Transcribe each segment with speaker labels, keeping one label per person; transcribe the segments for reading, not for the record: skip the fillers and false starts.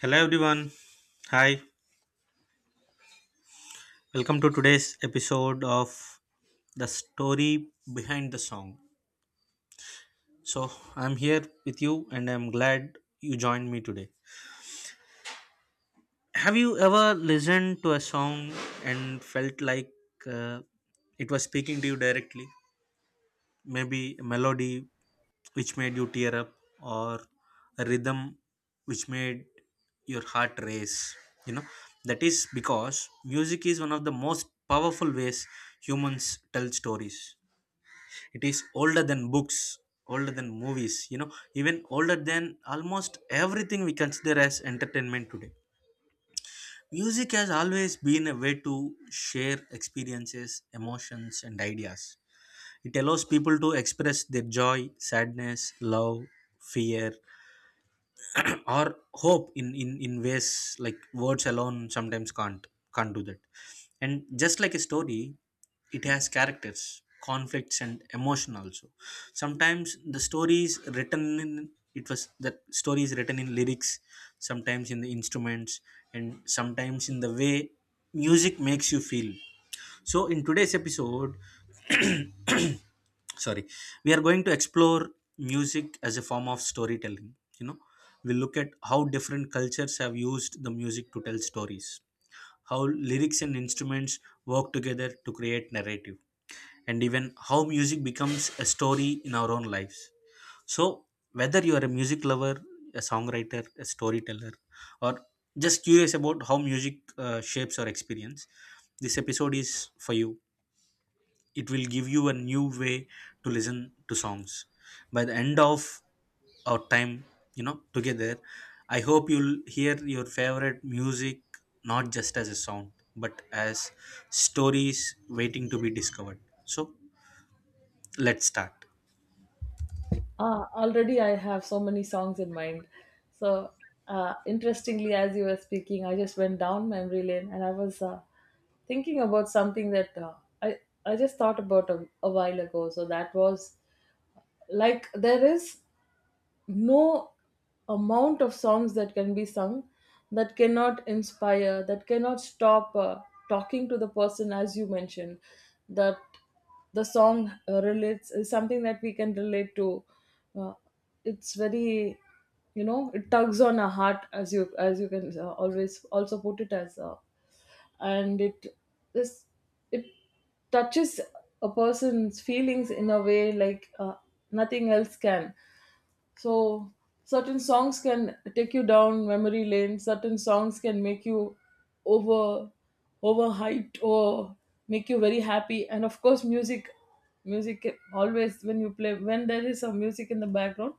Speaker 1: Hello everyone. Hi. Welcome to today's episode of The Story Behind the Song. So, I'm here with you and I'm glad you joined me today. Have you ever listened to a song and felt like uh, it was speaking to you directly? Maybe a melody which made you tear up, or a rhythm which made your heart race, you know. That is because music is one of the most powerful ways humans tell stories. It is older than books, older than movies, you know, even older than almost everything we consider as entertainment today. Music has always been a way to share experiences, emotions, and ideas. It allows people to express their joy, sadness, love, fear, or hope in ways like words alone sometimes can't do that. And just like a story, it has characters, conflicts, and emotion also. Sometimes the story is written in it was that story is written in lyrics, sometimes in the instruments, and sometimes in the way music makes you feel. So in today's episode, sorry, we are going to explore music as a form of storytelling, you know. We look at how different cultures have used the music to tell stories, how lyrics and instruments work together to create narrative, and even how music becomes a story in our own lives. So whether you are a music lover, a songwriter, a storyteller, or just curious about how music shapes our experience, this episode is for you. It will give you a new way to listen to songs. By the end of our time, you know, together, I hope you'll hear your favorite music not just as a sound, but as stories waiting to be discovered. So let's start.
Speaker 2: Ah, already I have so many songs in mind. So, interestingly, as you were speaking, I just went down memory lane and I was thinking about something that I, I just thought about a while ago. So, that was like there is no amount of songs that can be sung that cannot inspire, that cannot stop talking to the person, as you mentioned, that the song relates is something that we can relate to. Uh, it's very, it tugs on our heart, as you can always also put it as, and this it touches a person's feelings in a way like nothing else can. So certain songs can take you down memory lane. Certain songs can make you over overhyped or make you very happy. And of course, music can always when you play when there is some music in the background,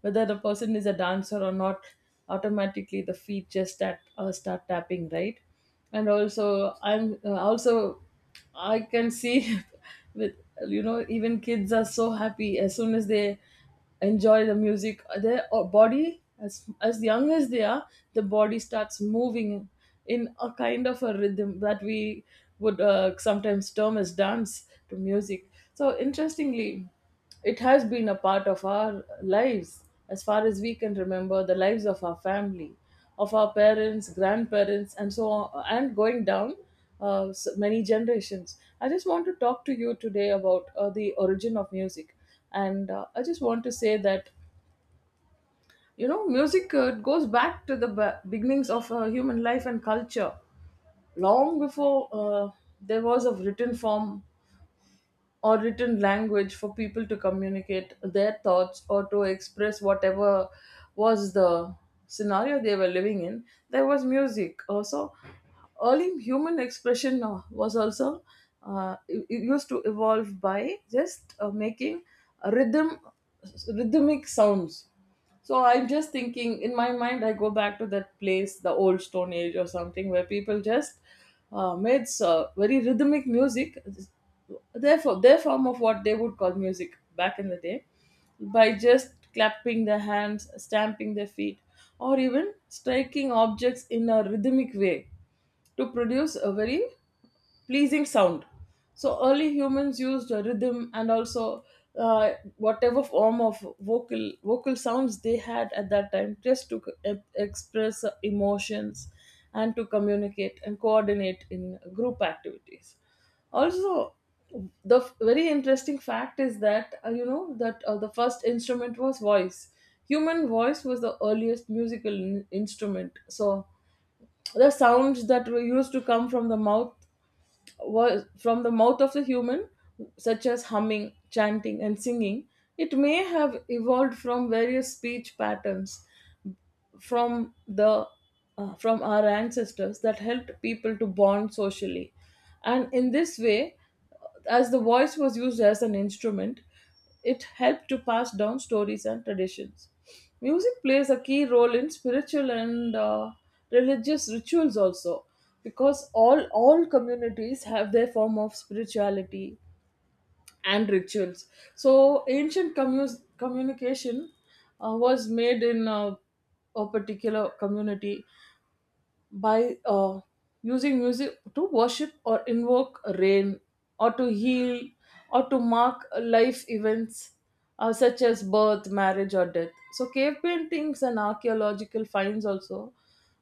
Speaker 2: whether the person is a dancer or not, automatically the feet just start, start tapping, right? And also I'm also I can see with you know even kids are so happy as soon as they enjoy the music, their body, as young as they are, the body starts moving in a kind of a rhythm that we would sometimes term as dance to music. So interestingly, it has been a part of our lives as far as we can remember, the lives of our family, of our parents, grandparents, and so on, and going down many generations. I just want to talk to you today about the origin of music, and I just want to say that you know music goes back to the beginnings of human life and culture long before there was a written form or written language for people to communicate their thoughts or to express whatever was the scenario they were living in. There was music also. Early human expression was also it used to evolve by just making rhythm rhythmic sounds. So I'm just thinking in my mind, I go back to that place, the old Stone Age or something, where people just made very rhythmic music, therefore their form of what they would call music back in the day, by just clapping their hands, stamping their feet, or even striking objects in a rhythmic way to produce a very pleasing sound. So early humans used a rhythm and also whatever form of vocal sounds they had at that time just to express emotions and to communicate and coordinate in group activities. Also, the very interesting fact is that you know that the first instrument was voice. Human voice was the earliest musical instrument. So the sounds that were used to come from the mouth was from the mouth of the human, such as humming, chanting, and singing. It may have evolved from various speech patterns from the from our ancestors that helped people to bond socially. And in this way, as the voice was used as an instrument, it helped to pass down stories and traditions. Music plays a key role in spiritual and religious rituals also, because all communities have their form of spirituality and rituals. So ancient communication was made in a particular community by using music to worship or invoke rain, or to heal, or to mark life events such as birth, marriage, or death. So, cave paintings and archaeological finds also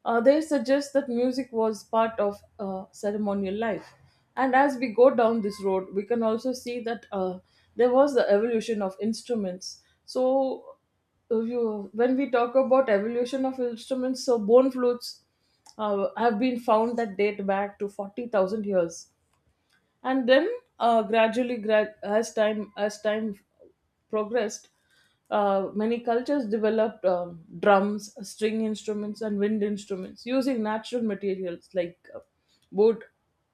Speaker 2: they suggest that music was part of ceremonial life. And as we go down this road, we can also see that there was the evolution of instruments. So, if you when we talk about evolution of instruments, so bone flutes have been found that date back to 40,000 years. And then as time progressed, many cultures developed drums, string instruments, and wind instruments using natural materials like wood,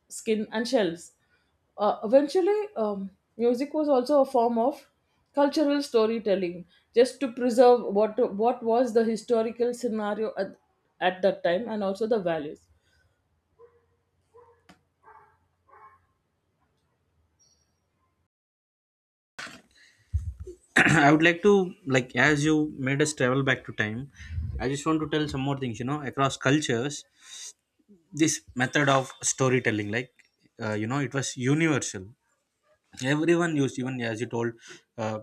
Speaker 2: skin, and shells. Eventually music was also a form of cultural storytelling, just to preserve what was the historical scenario at that time and also the values.
Speaker 1: I would like to, like, as you made us travel back to time, I just want to tell some more things, you know. Across cultures, this method of storytelling, like, you know, it was universal. Everyone used, even as you told, uh,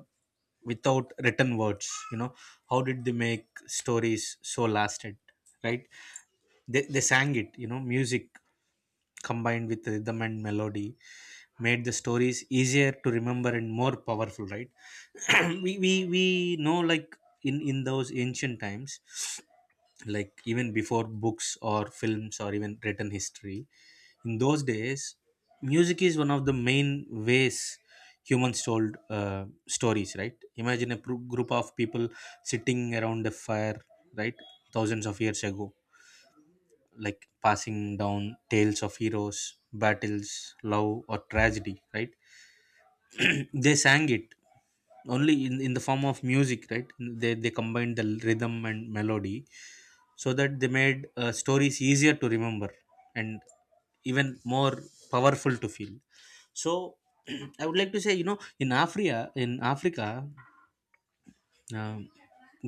Speaker 1: without written words, you know, how did they make stories so lasted, right? They sang it, you know. Music combined with rhythm and melody made the stories easier to remember and more powerful, right? We know, like, in those ancient times, like even before books or films or even written history, in those days, music is one of the main ways humans told stories, right? Imagine a group of people sitting around a fire, right, thousands of years ago, like passing down tales of heroes, battles, love, or tragedy, right? They sang it only in the form of music, right? They combined the rhythm and melody so that they made stories easier to remember, and even more powerful to feel. So I would like to say, you know, in Africa, in Africa, um,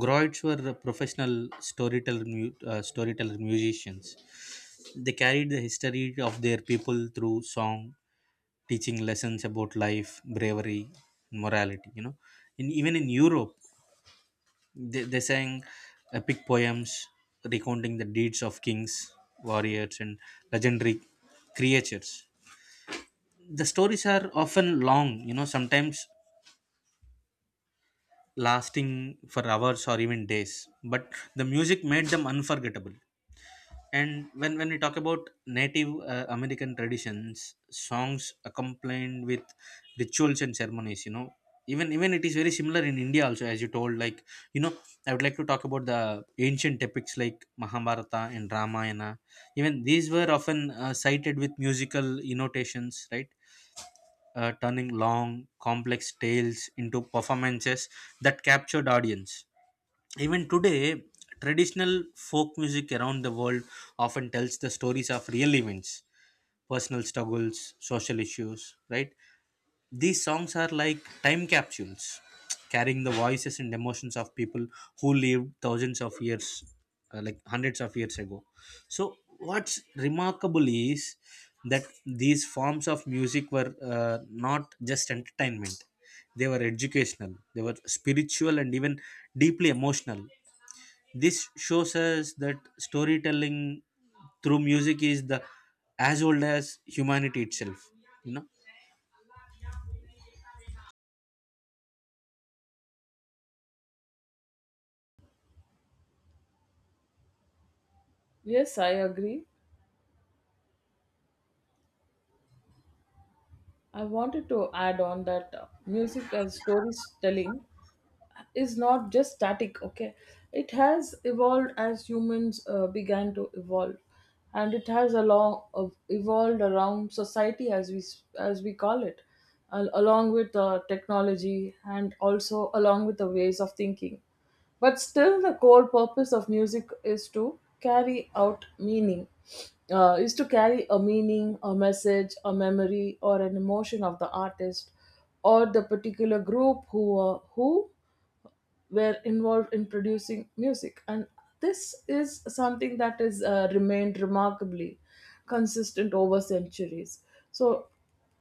Speaker 1: groits were professional storyteller musicians. They carried the history of their people through song, teaching lessons about life, bravery, and morality. You know, in, even in Europe, they sang epic poems recounting the deeds of kings, warriors, and legendary creatures. The stories are often long, you know, sometimes lasting for hours or even days, but the music made them unforgettable. And when we talk about Native American traditions, songs accompanied with rituals and ceremonies, you know, even even it is very similar in India also, as you told. Like you know, I would like to talk about the ancient epics like Mahabharata and Ramayana. Even these were often cited with musical annotations, right? Turning long, complex tales into performances that captured audience even today, traditional folk music around the world often tells the stories of real events, personal struggles, social issues, right? These songs are like time capsules, carrying the voices and emotions of people who lived thousands of years, like hundreds of years ago. So, what's remarkable is that these forms of music were not just entertainment, they were educational, they were spiritual, and even deeply emotional. This shows us that storytelling through music is the as old as humanity itself. You know,
Speaker 2: Yes, I agree. I wanted to add on that music and storytelling is not just static, okay? It has evolved as humans began to evolve, and it has along of evolved around society, as as we call it, along with technology and also along with the ways of thinking. But still, the core purpose of music is to carry out meaning, is to carry a meaning, a message, a memory, or an emotion of the artist or the particular group who were involved in producing music. And this is something that has remained remarkably consistent over centuries. So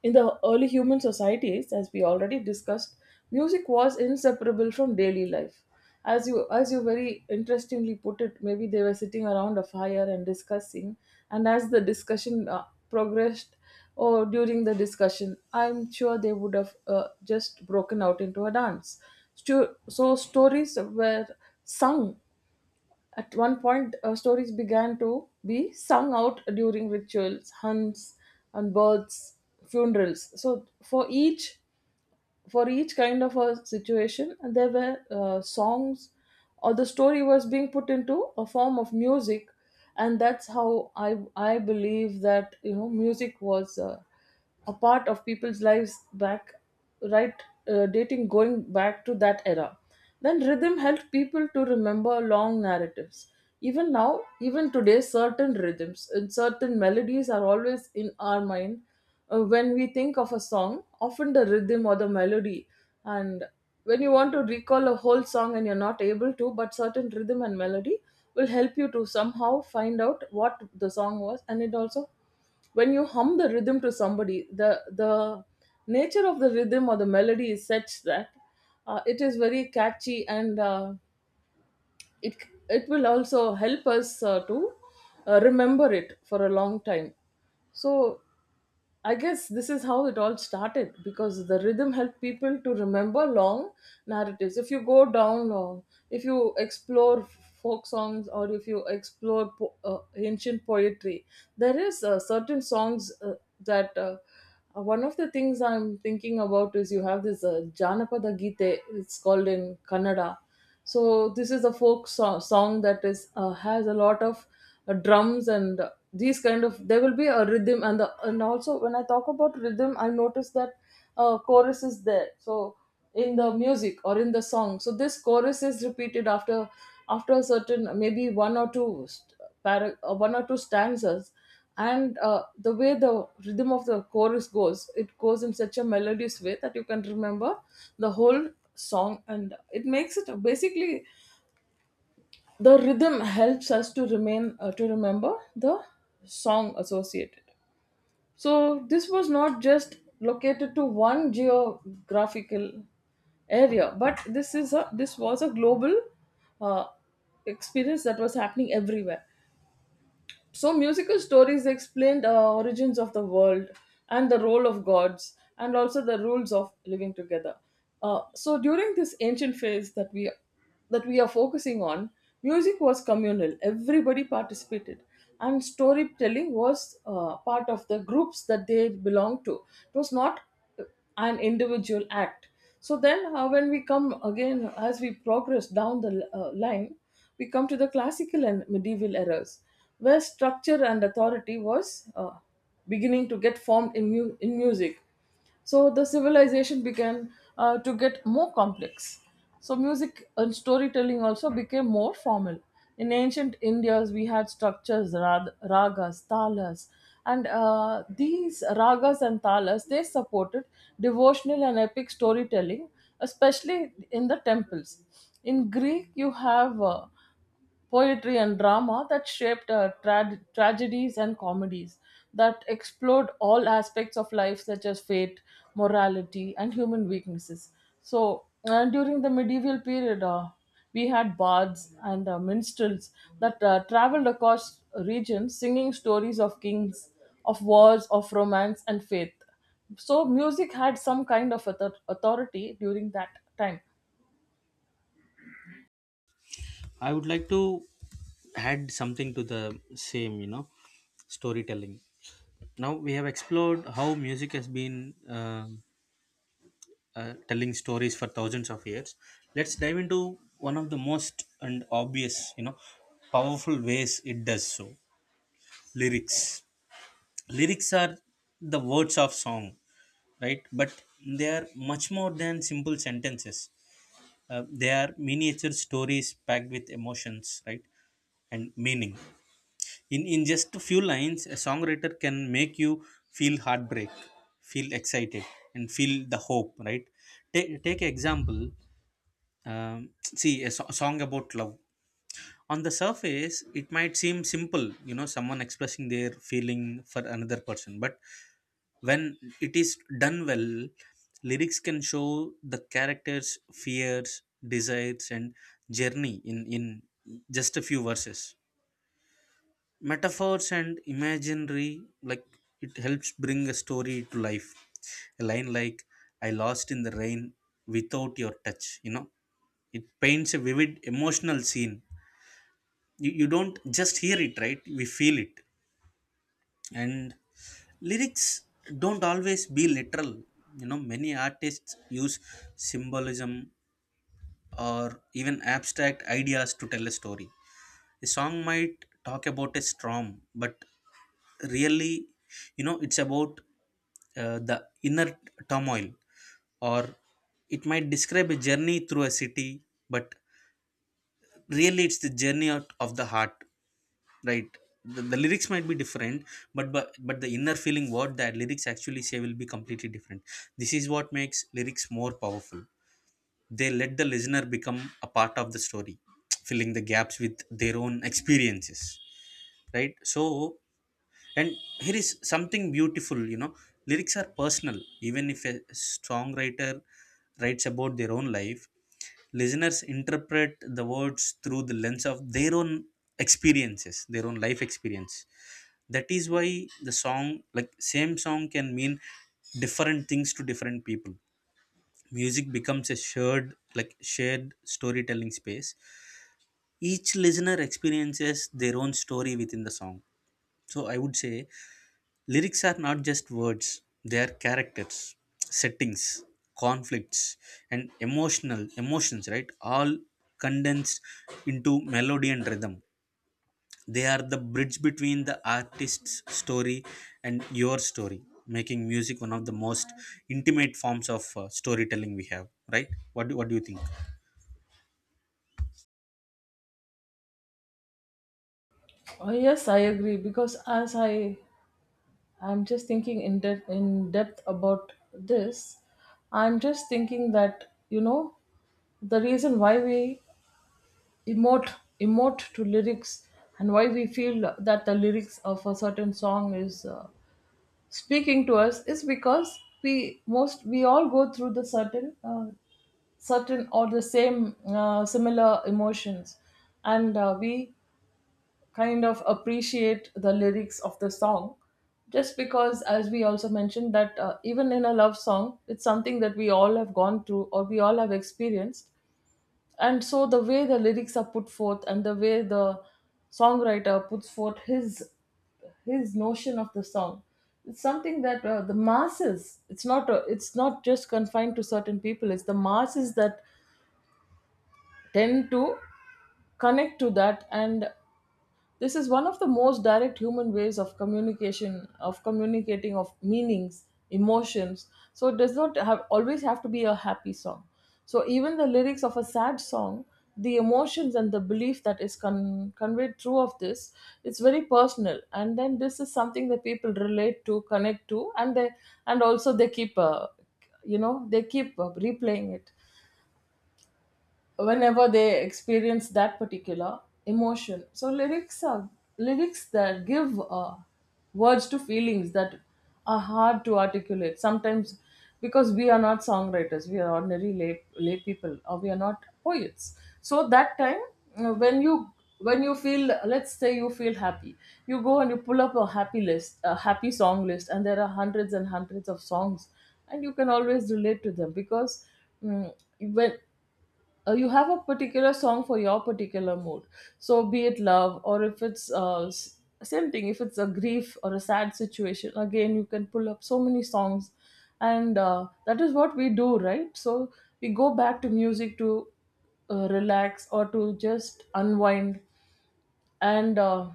Speaker 2: in the early human societies, as we already discussed, music was inseparable from daily life. As you very interestingly put it, maybe they were sitting around a fire and discussing, and as the discussion progressed, or during the discussion, I'm sure they would have just broken out into a dance. So stories were sung. At one point, stories began to be sung out during rituals, hunts, and births, funerals. So for each, for each kind of a situation, and there were songs, or the story was being put into a form of music. And that's how I believe that you know music was a part of people's lives back, right? Dating, going back to that era. Then rhythm helped people to remember long narratives. Even now, even today, certain rhythms and certain melodies are always in our mind. When we think of a song, often the rhythm or the melody, and when you want to recall a whole song and you're not able to, but certain rhythm and melody will help you to somehow find out what the song was. And it also, when you hum the rhythm to somebody, the nature of the rhythm or the melody is such that it is very catchy, and it it will also help us to remember it for a long time. So I guess this is how it all started, because the rhythm helped people to remember long narratives. If you go down long If you explore folk songs, or if you explore ancient poetry, there is certain songs that one of the things I'm thinking about is you have this janapada gite, it's called in kannada. So this is a folk song that is has a lot of drums and these kind of, there will be a rhythm. And the, and also when I talk about rhythm, I notice that chorus is there. So in the music or in the song, so this chorus is repeated after after a certain maybe one or two para, one or two stanzas. And the way the rhythm of the chorus goes, it goes in such a melodious way that you can remember the whole song. And it makes it basically the rhythm helps us to remain to remember the song associated. So this was not just located to one geographical area, but this is a, this was a global uh, experience that was happening everywhere. So, musical stories explain the origins of the world and the role of gods and also the rules of living together. So, during this ancient phase that we are focusing on, music was communal. Everybody participated, and storytelling was part of the groups that they belonged to. It was not an individual act. So then when we come again as we progress down the line, we come to the classical and medieval eras, where structure and authority was beginning to get formed in, in music. So the civilization began to get more complex. So music and storytelling also became more formal. In ancient India's, we had structures, ragas, talas, and these ragas and talas, they supported devotional and epic storytelling, especially in the temples. In Greek, you have poetry and drama that shaped tragedies and comedies that explored all aspects of life, such as fate, morality, and human weaknesses. So, during the medieval period, we had bards and minstrels that traveled across regions singing stories of kings, of wars, of romance, and faith. So, music had some kind of authority during that time.
Speaker 1: I would like to add something to the same. You know, storytelling. Now we have explored how music has been telling stories for thousands of years. Let's dive into one of the most and obvious, you know, powerful ways it does so: lyrics. Lyrics are the words of song, right? But they are much more than simple sentences. They are miniature stories packed with emotions, right, and meaning. In just a few lines, a songwriter can make you feel heartbreak, feel excited, and feel the hope, right? Take example, um, see a song about love. On the surface it might seem simple, you know, someone expressing their feeling for another person, but when it is done well, lyrics can show the character's fears, desires, and journey in just a few verses. Metaphors and imaginary, like, it helps bring a story to life. A line like, I lost in the rain without your touch, you know, it paints a vivid emotional scene. You don't just hear it, right? We feel it. And lyrics don't always be literal, you know. Many artists use symbolism or even abstract ideas to tell a story. A song might talk about a storm but really, you know, it's about the inner turmoil, or it might describe a journey through a city, but really it's the journey out of the heart, right? The lyrics might be different, but, but the inner feeling what that lyrics actually say will be completely different. This is what makes lyrics more powerful. They let the listener become a part of the story, filling the gaps with their own experiences, right? So, and here is something beautiful, you know, lyrics are personal. Even if a songwriter writes about their own life, listeners interpret the words through the lens of their own experiences, their own life experience. That is why the song, like same song can mean different things to different people. Music becomes a shared, like shared storytelling space. Each listener experiences their own story within the song. So I would say lyrics are not just words, they are characters, settings, conflicts, and emotional emotions, right, all condensed into melody and rhythm. They are the bridge between the artist's story and your story, making music one of the most intimate forms of storytelling we have, right? What what do you think?
Speaker 2: Oh, yes, I agree. Because as I, I'm just thinking in depth about this. I'm just thinking that the reason why we emote emote to lyrics and why we feel that the lyrics of a certain song is speaking to us is because we all go through the certain certain or the same similar emotions and we kind of appreciate the lyrics of the song just because as we also mentioned that even in a love song it's something that we all have gone through or we all have experienced. And so the way the lyrics are put forth and the way the songwriter puts forth his notion of the song, it's something that, the masses, it's not just confined to certain people, it's the masses that tend to connect to that. And this is one of the most direct human ways of communication, of communicating of meanings, emotions. So it does not have always have to be a happy song. So even the lyrics of a sad song, the emotions and the belief that is conveyed through of this, it's very personal. And then this is something that people relate to, connect to, and they and also they keep, they keep replaying it whenever they experience that particular emotion. So lyrics that give words to feelings that are hard to articulate sometimes, because we are not songwriters, we are ordinary lay people, or we are not poets. So that time, uh, when you when you feel, let's say you feel happy, you go and you pull up a happy list a happy song list, and there are hundreds and hundreds of songs, and you can always relate to them because, mm, when you have a particular song for your particular mood. So be it love, or if it's same thing, if it's a grief or a sad situation, again you can pull up so many songs. And that is what we do, right? So we go back to music to relax or to just unwind. And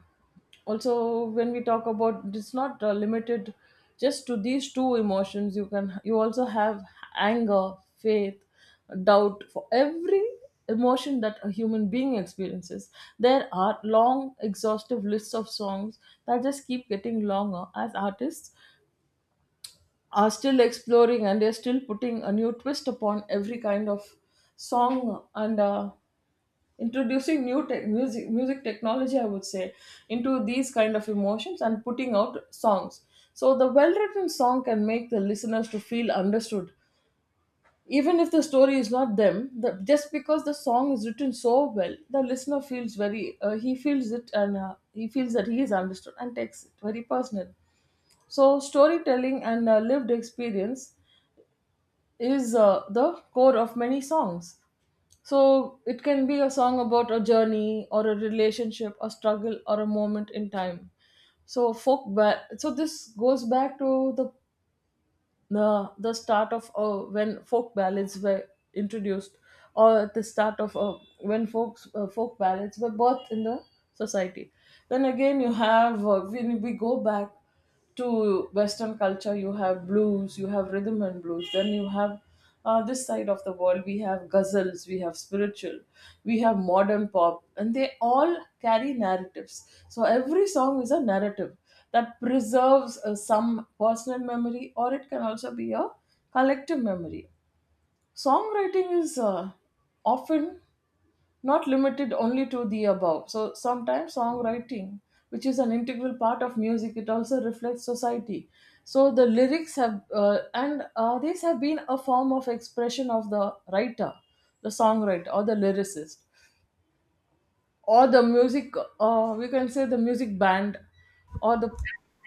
Speaker 2: also when we talk about, it's not limited just to these two emotions, you can, you also have anger, faith, doubt. For every emotion that a human being experiences, there are long exhaustive lists of songs that just keep getting longer as artists are still exploring and they're still putting a new twist upon every kind of song, and introducing new tech music, music technology I would say, into these kind of emotions and putting out songs. So the well written song can make the listeners to feel understood, even if the story is not them, just because the song is written so well, the listener feels very he feels it, and he feels that he is understood and takes it very personal. So storytelling and lived experience is the core of many songs. So it can be a song about a journey or a relationship, a struggle or a moment in time. So so this goes back to the the start of when folk ballads were introduced, or at the start of when folks folk ballads were birthed in the society. Then again you have, when we go back to western culture, you have blues, you have rhythm and blues, then you have, this side of the world we have ghazals, we have spiritual, we have modern pop, and they all carry narratives. So every song is a narrative that preserves some personal memory, or it can also be a collective memory. Songwriting is often not limited only to the above. So sometimes songwriting, which is an integral part of music, it also reflects society. So the lyrics have, and these have been a form of expression of the writer, the songwriter, or the lyricist, or the music, we can say the music band, or the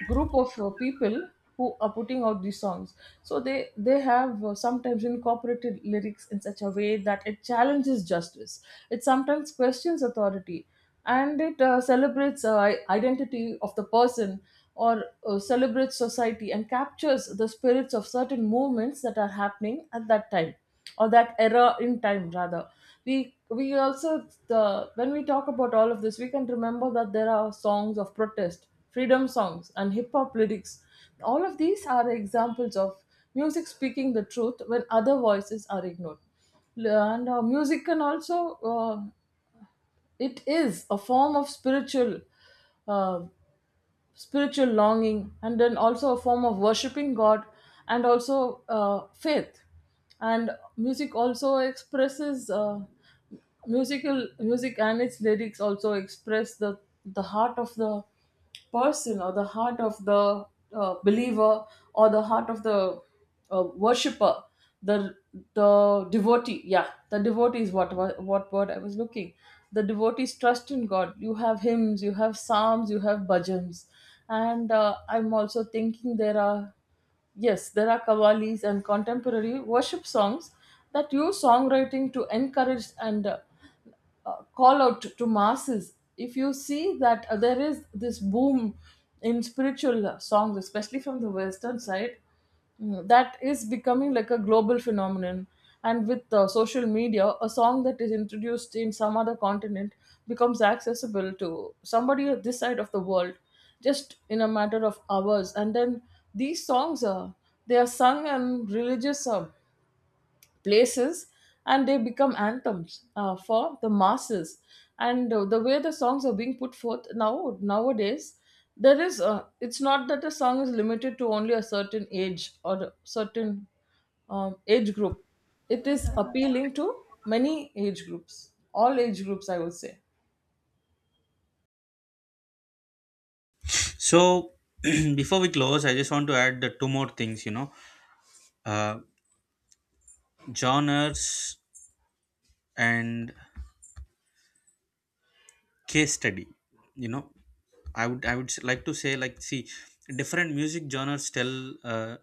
Speaker 2: group of people who are putting out these songs. So they have sometimes incorporated lyrics in such a way that it challenges justice, it sometimes questions authority, and it celebrates identity of the person, or celebrates society, and captures the spirits of certain movements that are happening at that time, or that era in time rather. We also the when we talk about all of this, we can remember that there are songs of protest, freedom songs, and hip hop lyrics. All of these are examples of music speaking the truth when other voices are ignored. And music can also it is a form of spiritual uh, longing, and then also a form of worshiping God, and also faith. And music also expresses music and its lyrics also express the heart of the person, or the heart of the believer, or the heart of the worshipper, the the devotee. Yeah, the devotee is what word I was looking. The devotees trust in God. You have hymns, you have psalms, you have bhajans, and I'm also thinking there are, yes there are kavalis and contemporary worship songs that use songwriting to encourage and call out to masses. If you see that there is this boom in spiritual songs, especially from the western side, that is becoming like a global phenomenon. And with social media, a song that is introduced in some other continent becomes accessible to somebody at this side of the world just in a matter of hours. And then these songs are, they are sung in religious places, and they become anthems for the masses. And the way the songs are being put forth now nowadays, there is it's not that the song is limited to only a certain age or a certain age group, it is appealing to many age groups, all age groups I would say.
Speaker 1: So, before we close, I just want to add the two more things, you know, uh, genres and case study. You know, like to say, like, see, different music genres tell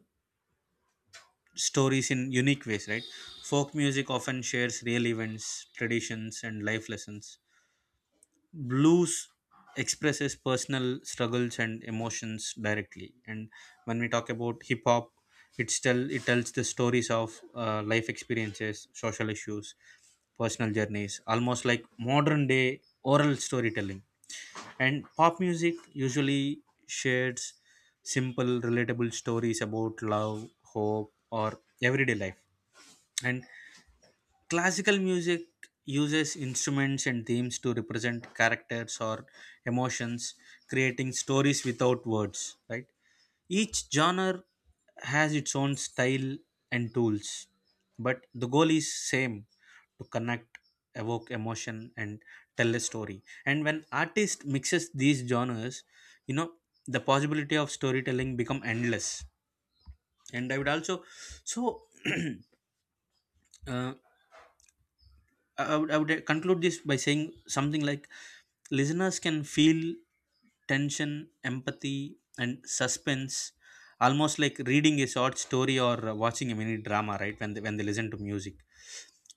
Speaker 1: stories in unique ways, right? Folk music often shares real events, traditions, and life lessons, blues expresses personal struggles and emotions directly, and when we talk about hip hop, it's tell it tells the stories of life experiences, social issues, personal journeys, almost like modern day oral storytelling. And pop music usually shares simple relatable stories about love, hope, or everyday life. And classical music uses instruments and themes to represent characters or emotions, creating stories without words, right? Each genre has its own style and tools, but the goal is same: to connect, evoke emotion, and tell a story. And when artist mixes these genres, you know, the possibility of storytelling become endless. And I would also so uh, I would conclude this by saying something like, listeners can feel tension, empathy, and suspense, almost like reading a short story or watching a mini drama, right? When they listen to music.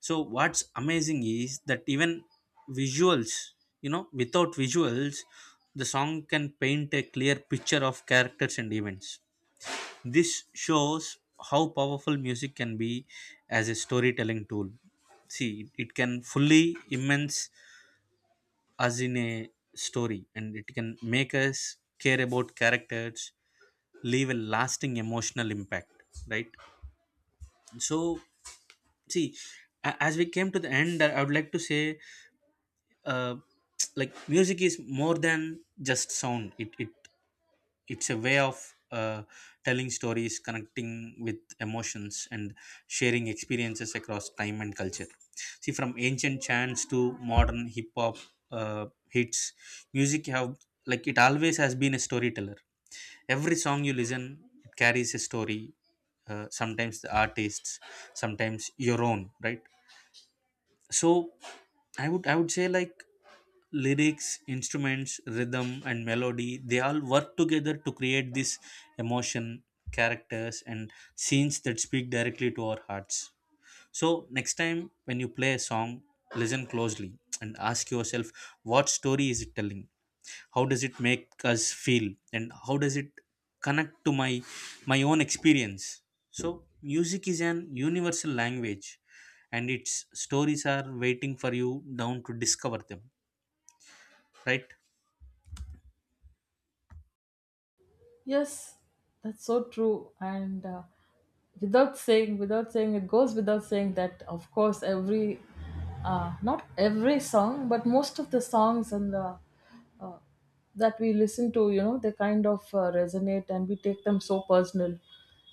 Speaker 1: So, what's amazing is that even visuals, you know, without visuals, the song can paint a clear picture of characters and events. This shows how powerful music can be as a storytelling tool. See, it can fully immerse us in a story and it can make us care about characters, leave a lasting emotional impact, right? So, see, as we came to the end, I would like to say, uh, like, music is more than just sound, it it's a way of uh, telling stories, connecting with emotions, and sharing experiences across time and culture. See, from ancient chants to modern hip hop hits, music have, like, it always has been a storyteller. Every song you listen, it carries a story, sometimes the artists, sometimes your own, right? So I would say, like, lyrics, instruments, rhythm, and melody, they all work together to create this emotion, characters, and scenes that speak directly to our hearts. So next time when you play a song, listen closely and ask yourself, what story is it telling? How does it make us feel, and how does it connect to my my own experience? So music is an universal language, and its stories are waiting for you down to discover them, right?
Speaker 2: Yes, that's so true. And without saying, it goes without saying that, of course, every, not every song, but most of the songs and the uh, that we listen to, they kind of resonate, and we take them so personal.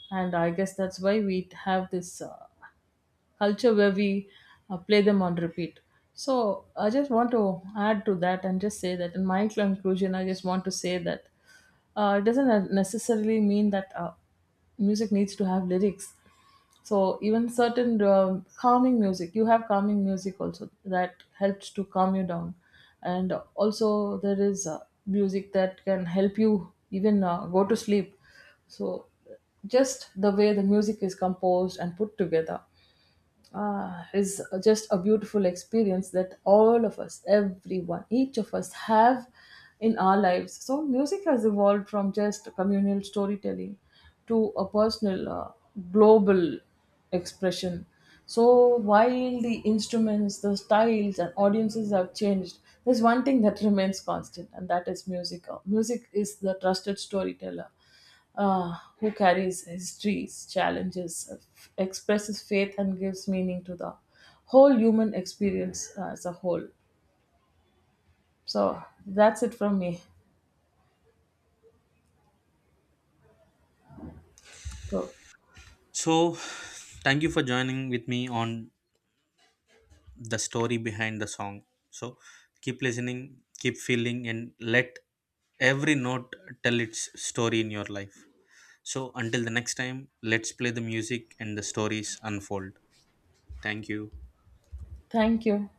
Speaker 2: And I guess that's why we have this culture where we play them on repeat. So I just want to add to that and just say that in my conclusion, I just want to say that it doesn't necessarily mean that music needs to have lyrics. So even certain calming music, you have calming music also that helps to calm you down, and also there is music that can help you even go to sleep. So just the way the music is composed and put together, ah, is just a beautiful experience that all of us, everyone, each of us have in our lives. So, music has evolved from just communal storytelling to a personal, global expression. So, while the instruments, the styles, and audiences have changed, there's one thing that remains constant, and that is music. Music is the trusted storyteller uh, who carries histories, challenges, expresses faith, and gives meaning to the whole human experience as a whole. So that's it from me. So
Speaker 1: So thank you for joining with me on The Story Behind the Song. So keep listening, keep feeling, and let every note tell its story in your life. So until the next time, let's play the music and the stories unfold. Thank you.
Speaker 2: thank you.